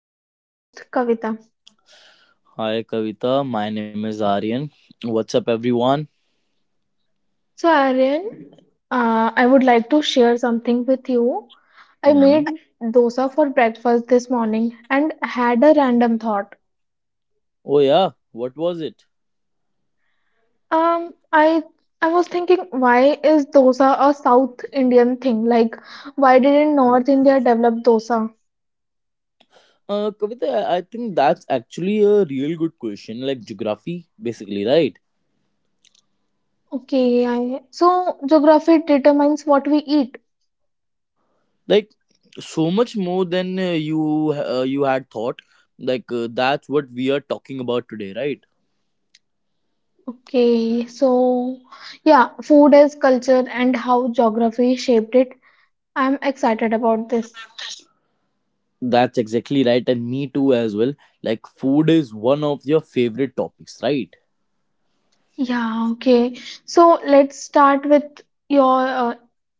I'm your host, Kavita. Hi Kavita, my name is Aryan. What's up everyone? So, Aryan, I would like to share something with you. I Hmm. made dosa for breakfast this morning and had a random thought. Oh yeah, what was it? Um, I I was thinking, why is dosa a South Indian thing? Like, why didn't North India develop dosa? Kavita, I think that's actually a real good question, like geography basically, right? Okay, I, so geography determines what we eat. Like so much more than you you had thought. Like that's what we are talking about today, right? Okay, so yeah, food is culture and how geography shaped it. I'm excited about this. That's exactly right, and me too as well. Like food is one of your favorite topics, right? Yeah, okay. So let's start with your.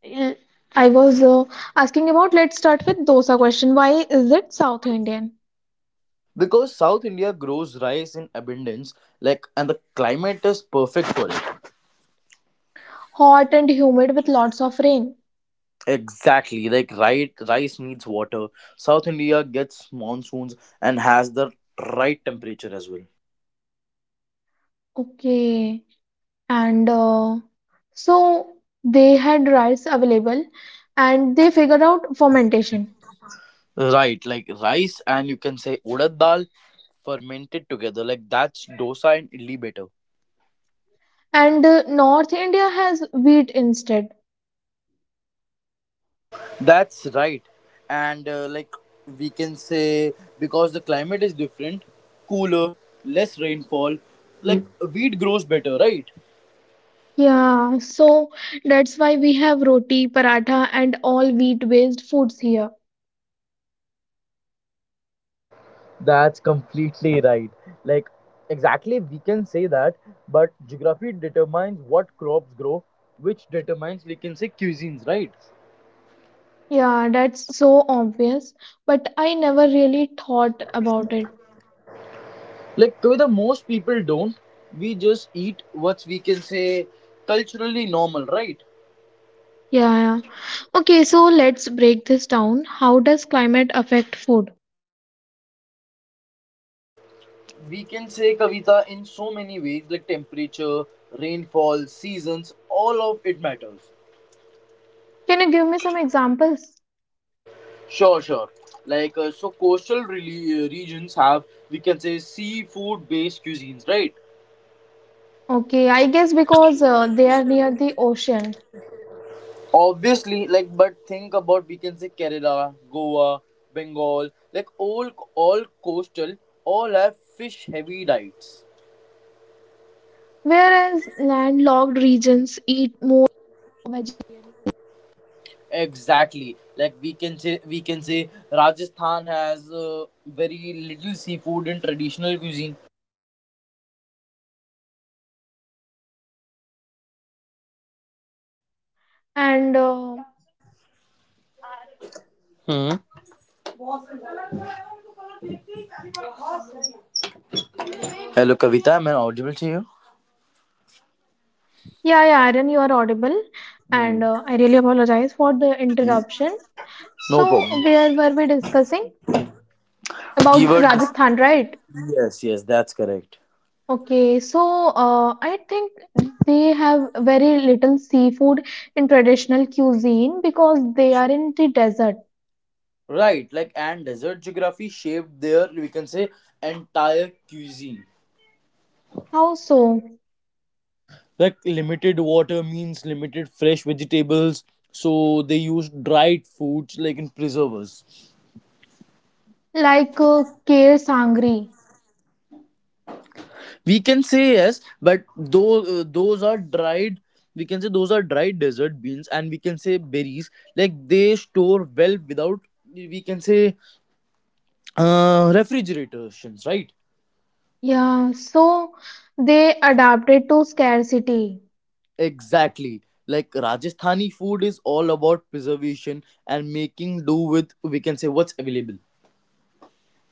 l- I was asking about. Let's start with dosa question. Why is it South Indian? Because South India grows rice in abundance, like, and the climate is perfect for it. Hot and humid with lots of rain. Exactly, like right, rice needs water. South India gets monsoons and has the right temperature as well. Okay, and so they had rice available, and they figured out fermentation. Right, like rice and you can say urad dal fermented together. Like that's dosa and idli better. And north india has wheat instead. That's right, and like we can say because the climate is different, cooler, less rainfall. Like wheat grows better, right? Yeah, so that's why we have roti paratha and all wheat based foods here. That's completely right. Like, exactly, we can say that, but geography determines what crops grow, which determines, we can say, cuisines, right? Yeah, that's so obvious, but I never really thought about it. Like, the most people don't. We just eat what's, we can say, culturally normal, right? Yeah, yeah. Okay, so let's break this down, how does climate affect food? We can say Kavita in so many ways, like temperature, rainfall, seasons, all of it matters. Can you give me some examples? Sure, sure. Like, so coastal regions have, we can say, seafood based cuisines, right? Okay, I guess because they are near the ocean. Obviously, like but think about we can say Kerala, Goa, Bengal, like all coastal, all have fish heavy diets. Whereas landlocked regions eat more. Exactly, like we can say Rajasthan has very little seafood in traditional cuisine. And Hmm. Hello, Kavita, am I audible to you? yeah, yeah, Aaron, you are audible. And Hmm. I really apologize for the interruption. No So, problem. where were we discussing We about were dis- Rajasthan, right? yes, yes, that's correct. Okay, so I think they have very little seafood in traditional cuisine because they are in the desert. Right, like and desert geography shaped their, we can say, entire cuisine. How so? Like limited water means limited fresh vegetables, so they use dried foods like in preservers. Like Kher Sangri. We can say yes, but those, those are dried, we can say those are dried desert beans and we can say berries. Like they store well without, we can say, refrigerations, right? Yeah, so they adapted to scarcity. Exactly. Like Rajasthani food is all about preservation and making do with, we can say, what's available.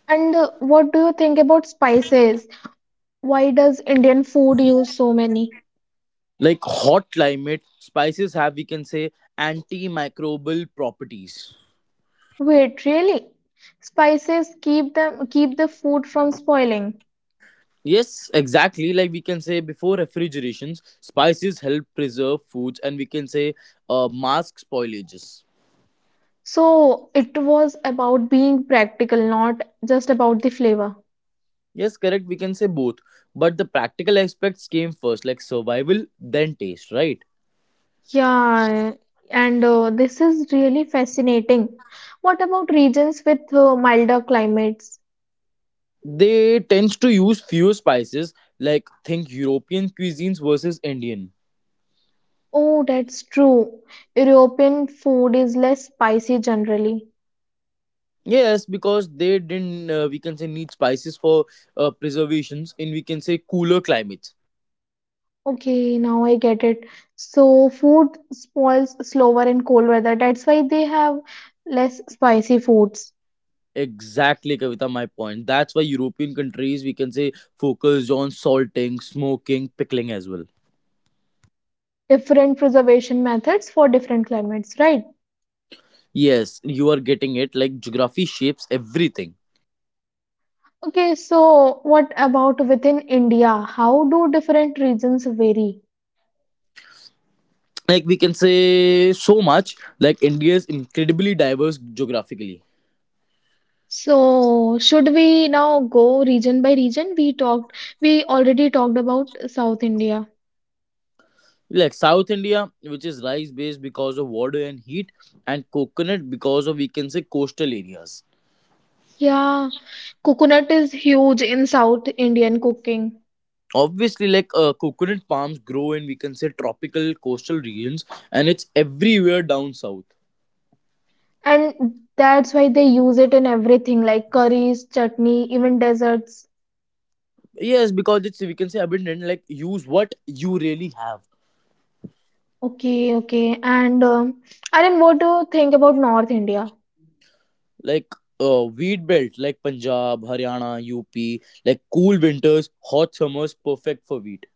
And what do you think about spices? Why does Indian food use so many? Like hot climate spices have, we can say, antimicrobial properties. Wait, really? Spices keep the food from spoiling. Yes, exactly, like we can say before refrigerations spices help preserve foods and we can say mask spoilages. So it was about being practical, not just about the flavor. Yes, correct, we can say both, but the practical aspects came first, like survival, then taste, right? Yeah, and this is really fascinating. What about regions with milder climates? They tends to use fewer spices, like think European cuisines versus Indian. Oh, that's true. European food is less spicy generally. Yes, because they didn't, we can say, need spices for preservations in, we can say, cooler climates. Okay, now I get it. So food spoils slower in cold weather. That's why they have less spicy foods, Exactly, Kavita, my point. That's why European countries, we can say, focused on salting, smoking, pickling as well. different preservation methods for different climates, right? Yes, you are getting it. Like, geography shapes everything. Okay, so what about within India? How do different regions vary? Like, we can say so much. Like, India is incredibly diverse geographically. So should we now go region by region? We already talked about South India. Like, South India, which is rice based because of water and heat, and coconut because of, we can say, coastal areas. Yeah, coconut is huge in South Indian cooking. Obviously, like coconut palms grow in, we can say, tropical coastal regions, and it's everywhere down south. And that's why they use it in everything like curries, chutney, even desserts. Yes, because it's, we can say, abundant, like use what you really have. Okay, okay. And Aryan, what do you think about North India? Like wheat belt, like Punjab, Haryana, UP, like cool winters, hot summers, perfect for wheat.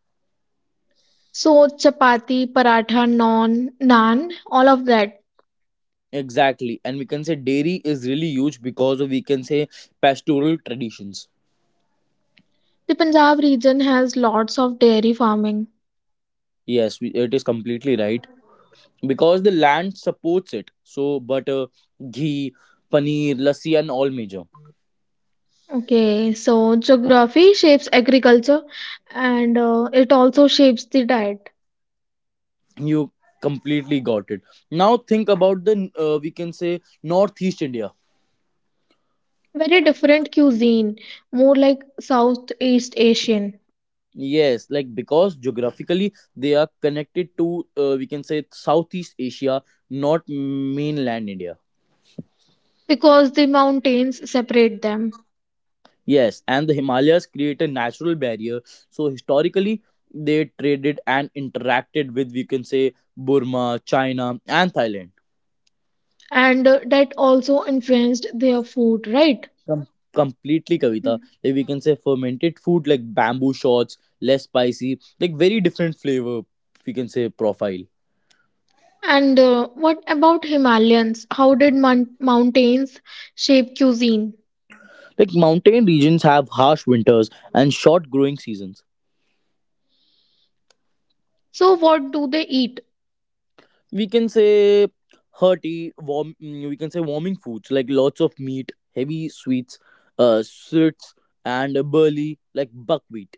So chapati, paratha, naan, all of that. Exactly, and we can say dairy is really huge because of, we can say, pastoral traditions. The Punjab region has lots of dairy farming. Yes, we, it is completely right, because the land supports it, so butter, ghee, paneer, lassi, and all major. Okay, so geography shapes agriculture, and it also shapes the diet. You completely got it. Now think about the, we can say, Northeast India. Very different cuisine, more like Southeast Asian, Yes, like because geographically they are connected to, we can say, Southeast Asia, not mainland India. because the mountains separate them. Yes, and the Himalayas create a natural barrier, so historically they traded and interacted with, we can say, Burma, China, and Thailand. And that also influenced their food, right? Com- completely, Kavita. Mm. Like we can say fermented food like bamboo shots, less spicy, like very different flavor. We can say profile. And what about himalayans, how did mountains shape cuisine? Like mountain regions have harsh winters and short growing seasons. So what do they eat? We can say hearty, warm. We can say warming foods like lots of meat, heavy sweets, sweets, and burley, like buckwheat.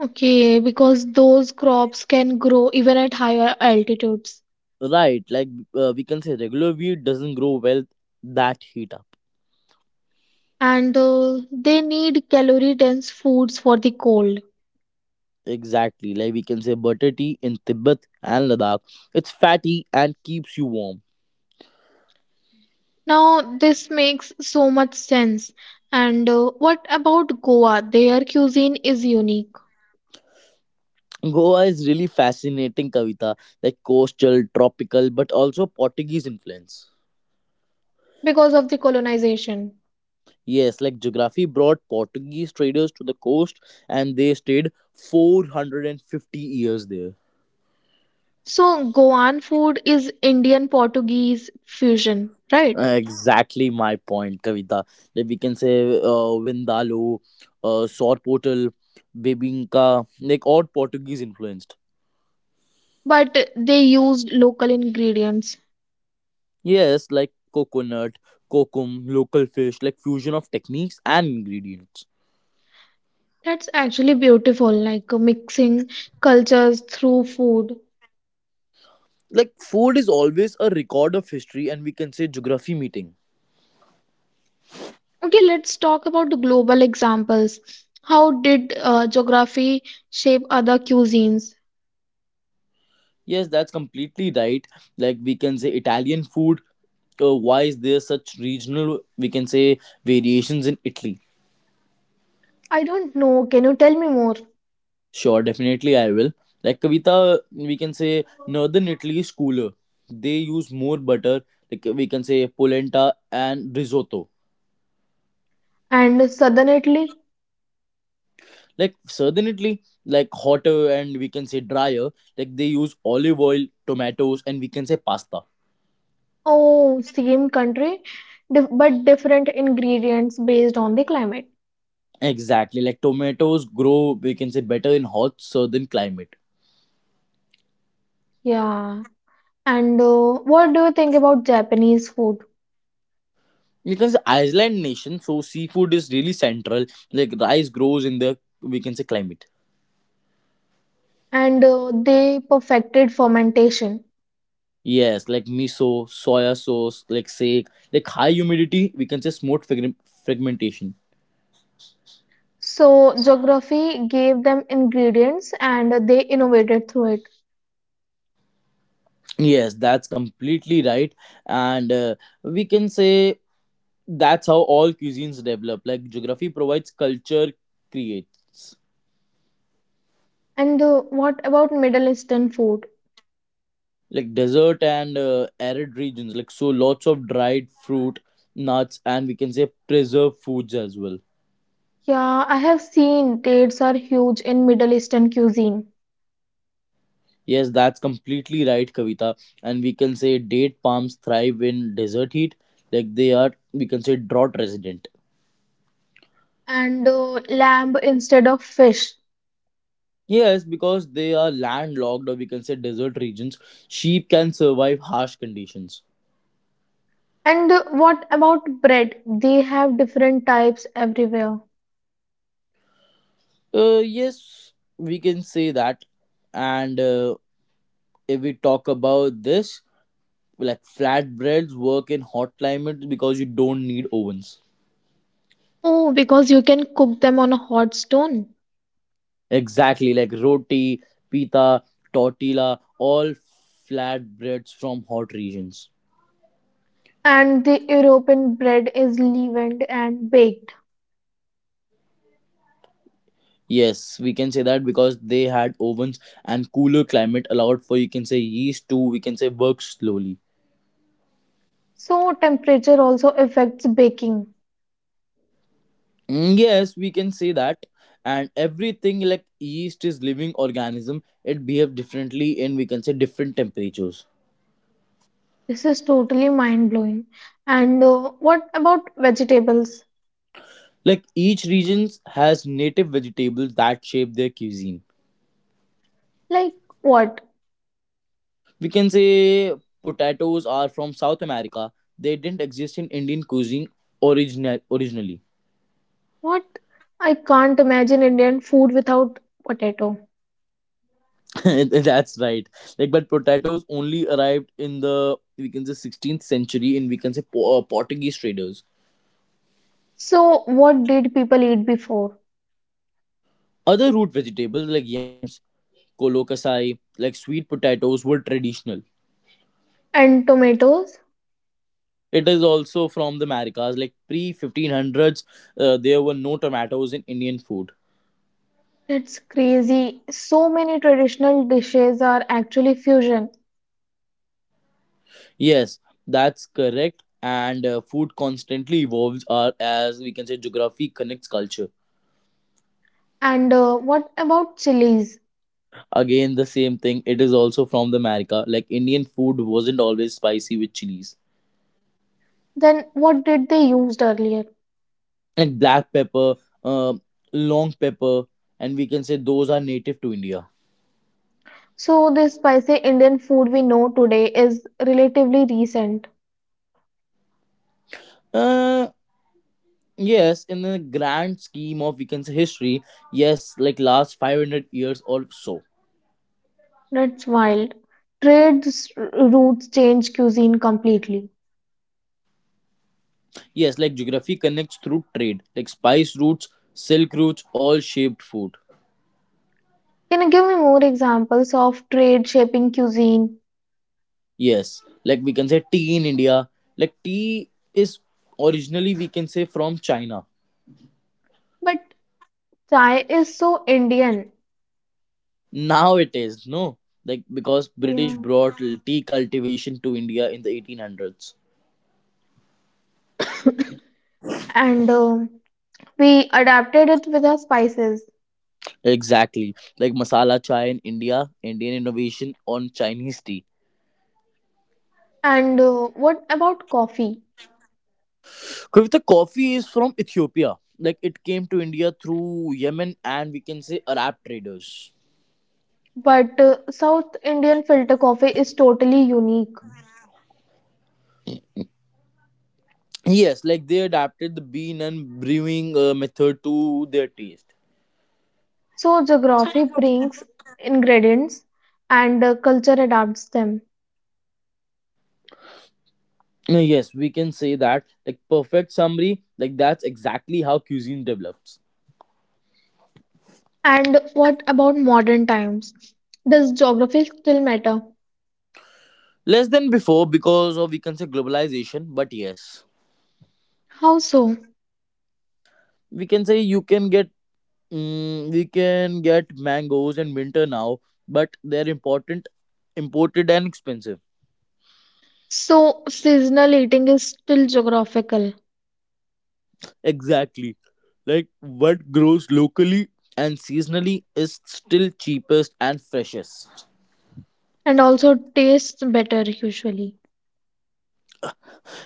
Okay, because those crops can grow even at higher altitudes. Right, like we can say regular wheat doesn't grow well, that heat. And they need calorie dense foods for the cold. Exactly, like we can say butter tea in Tibet and Ladakh. It's fatty and keeps you warm. Now this makes so much sense. And what about goa, their cuisine is unique Goa is really fascinating, Kavita, like coastal, tropical, but also Portuguese influence. because of the colonization. Yes, like geography brought Portuguese traders to the coast, and they stayed 450 years there. So Goan food is Indian Portuguese fusion, right? Exactly my point, Kavita. Like we can say Vindaloo, Sort Portal, Bebinka, like all Portuguese influenced. But they used local ingredients. Yes, like coconut, kokum, local fish, like fusion of techniques and ingredients. That's actually beautiful, like mixing cultures through food. Like food is always a record of history and, we can say, geography meeting. Okay, let's talk about the global examples. How did geography shape other cuisines? Yes, that's completely right. Like we can say Italian food, why is there such regional, we can say, variations in Italy? I don't know. Can you tell me more? Sure, definitely I will. Like Kavita, we can say northern Italy is cooler. They use more butter, like we can say polenta and risotto. And southern Italy? Like certainly, like hotter and, we can say, drier, like they use olive oil, tomatoes, and we can say pasta. Oh, same country, but different ingredients based on the climate. Exactly, like tomatoes grow, we can say, better in hot southern climate. Yeah. And what do you think about Japanese food? Because iceland nation, so seafood is really central. Like rice grows in the, we can say, climate. And they perfected fermentation. Yes, like miso, soya sauce, like sake, like high humidity, we can say, fragmentation. So geography gave them ingredients and they innovated through it. Yes, that's completely right, and we can say that's how all cuisines develop, like geography provides, culture creates. And what about Middle Eastern food? Like desert and arid regions, like so lots of dried fruit, nuts, and we can say preserved foods as well. Yeah, I have seen dates are huge in Middle Eastern cuisine. Yes, that's completely right, Kavita, and we can say date palms thrive in desert heat. Like they are, we can say, drought resident. And lamb instead of fish. Yes, because they are landlocked, or we can say desert regions, sheep can survive harsh conditions. And what about bread? They have different types everywhere. Yes, we can say that, and if we talk about this, like flatbreads work in hot climates because you don't need ovens. Oh, because you can cook them on a hot stone. Exactly, like roti, pita, tortilla, all flatbreads from hot regions. And the European bread is leavened and baked. Yes, we can say that, because they had ovens and cooler climate allowed for, you can say, yeast to, we can say, work slowly. So temperature also affects baking. Yes, we can say that. And everything, like yeast is living organism, it behave differently in, we can say, different temperatures. This is totally mind blowing. And what about vegetables? Like each region has native vegetables that shape their cuisine. Like what? We can say potatoes are from South America. They didn't exist in Indian cuisine originally. What? I can't imagine Indian food without potato. That's right. Like but potatoes only arrived in the, we can say, 16th century in, we can say, Portuguese traders. So what did people eat before? Other root vegetables like yams, colocasai, like sweet potatoes were traditional. And tomatoes? It is also from the Americas. Like pre 1500s, there were no tomatoes in Indian food. That's crazy. So many traditional dishes are actually fusion. Yes, that's correct. And food constantly evolves, or as we can say, geography connects culture. And what about chilies? Again, the same thing. It is also from the America. Like Indian food wasn't always spicy with chilies, Then what did they used earlier? like black pepper, uh, long pepper, and we can say those are native to India. So the spicy Indian food we know today is relatively recent. Uh, yes, in the grand scheme of, we can say, history, yes, like last 500 years or so. That's wild. Trade routes change cuisine completely. Yes, like geography connects through trade, like spice routes, silk routes, all shaped food. Can you give me more examples of trade shaping cuisine? Yes, like we can say tea in India. Like tea is originally, we can say, from China. But chai is so Indian. Now it is no, like because Yeah. British brought tea cultivation to India in the 1800s. And we adapted it with our spices. Exactly, like masala chai in India, Indian innovation on Chinese tea. And what about coffee? Kavita, coffee is from Ethiopia. Like it came to India through Yemen and, we can say, Arab traders. But South Indian filter coffee is totally unique. Yes, like they adapted the bean and brewing method to their taste. So geography brings ingredients, and culture adapts them. Yes, we can say that. Like perfect summary, like that's exactly how cuisine develops. And what about modern times? Does geography still matter? Less than before because of, we can say, globalization, but yes. How so? We can say you can get we can get mangoes in winter now, but they're important, imported, and expensive. So seasonal eating is still geographical, Exactly. Like what grows locally and seasonally is still cheapest and freshest. and also tastes better usually.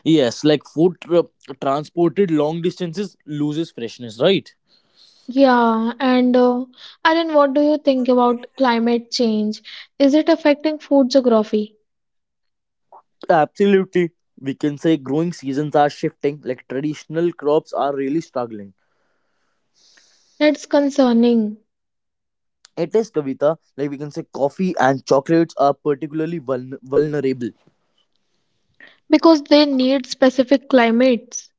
Yes, like transported long distances loses freshness, right? Yeah, and Aryan, what do you think about climate change? Is it affecting food geography? Absolutely. We can say growing seasons are shifting, like traditional crops are really struggling. That's concerning It is, Kavita, like we can say coffee and chocolates are particularly vulnerable. because they need specific climates.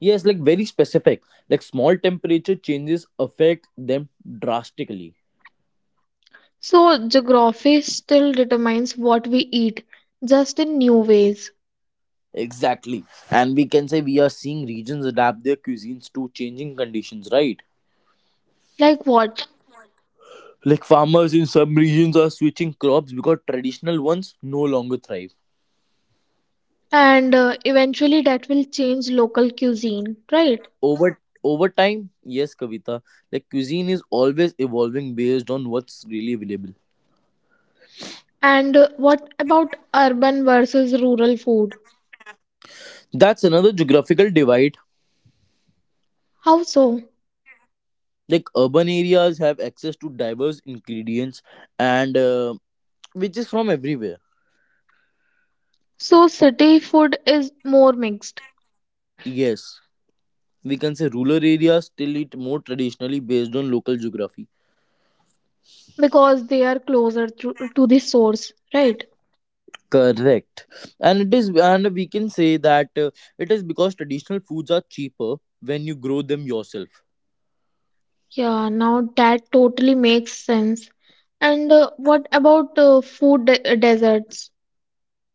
Yes, like very specific. Like small temperature changes affect them drastically. So, geography still determines what we eat, just in new ways. Exactly. And we can say we are seeing regions adapt their cuisines to changing conditions, right? Like what? Like farmers in some regions are switching crops because traditional ones no longer thrive. And eventually that will change local cuisine, right? over Over time, yes, Kavita, like cuisine is always evolving based on what's really available. And what about urban versus rural food? That's another geographical divide. How so? Like urban areas have access to diverse ingredients and which is from everywhere. So, city food is more mixed Yes, we can say rural areas still eat more traditionally based on local geography. because they are closer to, the source, right? Correct, and it is, and we can say that, it is because traditional foods are cheaper when you grow them yourself. Yeah, now that totally makes sense. And what about deserts?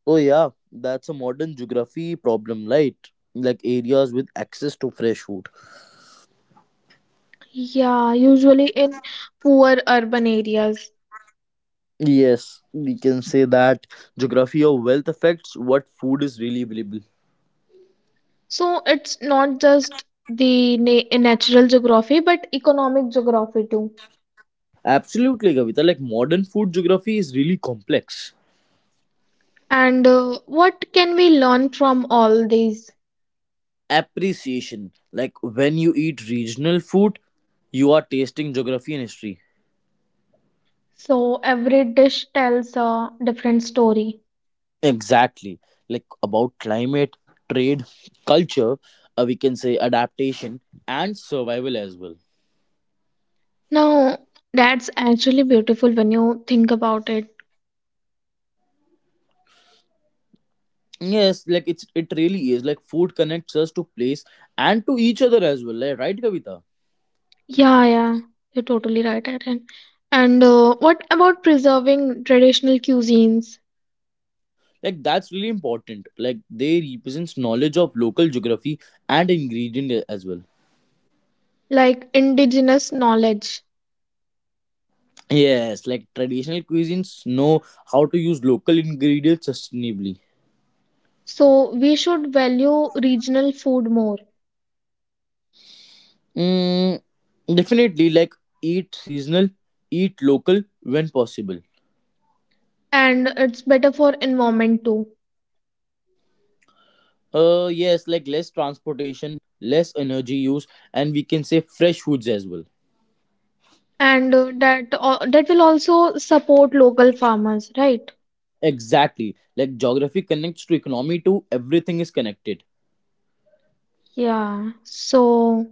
Oh yeah, that's a modern geography problem, right? Like areas with access to fresh food. Yeah, usually in poor urban areas. Yes, we can say that geography of wealth affects what food is really available. So it's not just the natural geography, but economic geography too. Absolutely, Kavita. Like modern food geography is really complex. And what can we learn from all these? Appreciation. Like when you eat regional food, you are tasting geography and history. So every dish tells a different story. Exactly. Like about climate, trade, culture, we can say adaptation and survival as well. Now, that's actually beautiful when you think about it. Yes, like it's it really is. Like food connects us to place and to each other as well, like, right, Kavita? Yeah, yeah, you're totally right, Aaron. And what about preserving traditional cuisines, Like that's really important. Like they represents knowledge of local geography and ingredient as well. like indigenous knowledge? Yes, like traditional cuisines know how to use local ingredients sustainably. So we should value regional food more, Mm, definitely, like eat seasonal, eat local when possible. and it's better for environment too. Yes, like less transportation, less energy use, and we can say fresh foods as well. And that will also support local farmers, right? Exactly. Like geography connects to economy too. Everything is connected. Yeah. So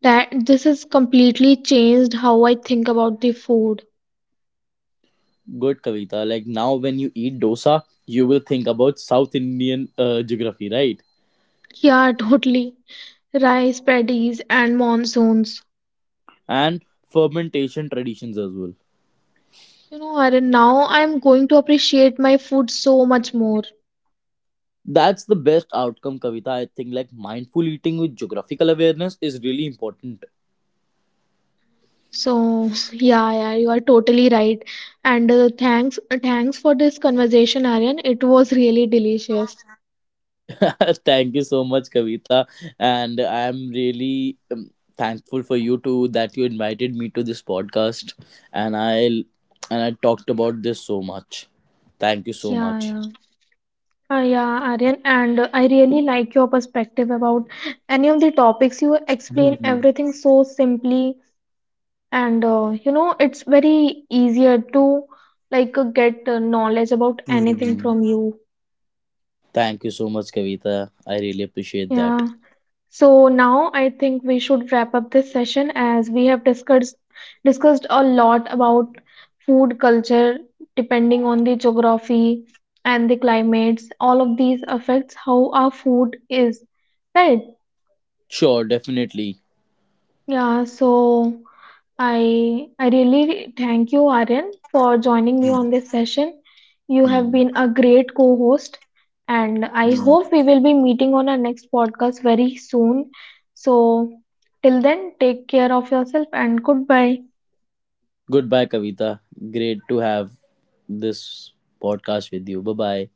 that this has completely changed how I think about the food. Good, Kavita. Like now, when you eat dosa, you will think about South Indian geography, right? Yeah, totally. Rice paddies and monsoons. And fermentation traditions as well. You know, Arun, now I'm going to appreciate my food so much more. That's the best outcome, Kavita. I think, like mindful eating with geographical awareness is really important. So yeah, yeah, you are totally right. And thanks for this conversation, Aryan. It was really delicious. Thank you so much, Kavita, and I'm really thankful for you too, that you invited me to this podcast, and I talked about this so much. Thank you so Yeah, much. yeah. Yeah, Aryan, and I really like your perspective about any of the topics. You explain Mhm. everything so simply, and you know, it's very easier to like get knowledge about anything Mhm. from you. Thank you so much, Kavita. I really appreciate that. Yeah. So now I think we should wrap up this session as we have discussed a lot about food culture depending on the geography and the climates. All of these affects how our food is, right? Sure, definitely. Yeah, so I really thank you, Aryan, for joining me Mm. on this session. You have Mm. been a great co-host, and I Mm. hope we will be meeting on our next podcast very soon. So, till then, take care of yourself and goodbye. Goodbye, Kavita. Great to have this podcast with you. Bye bye.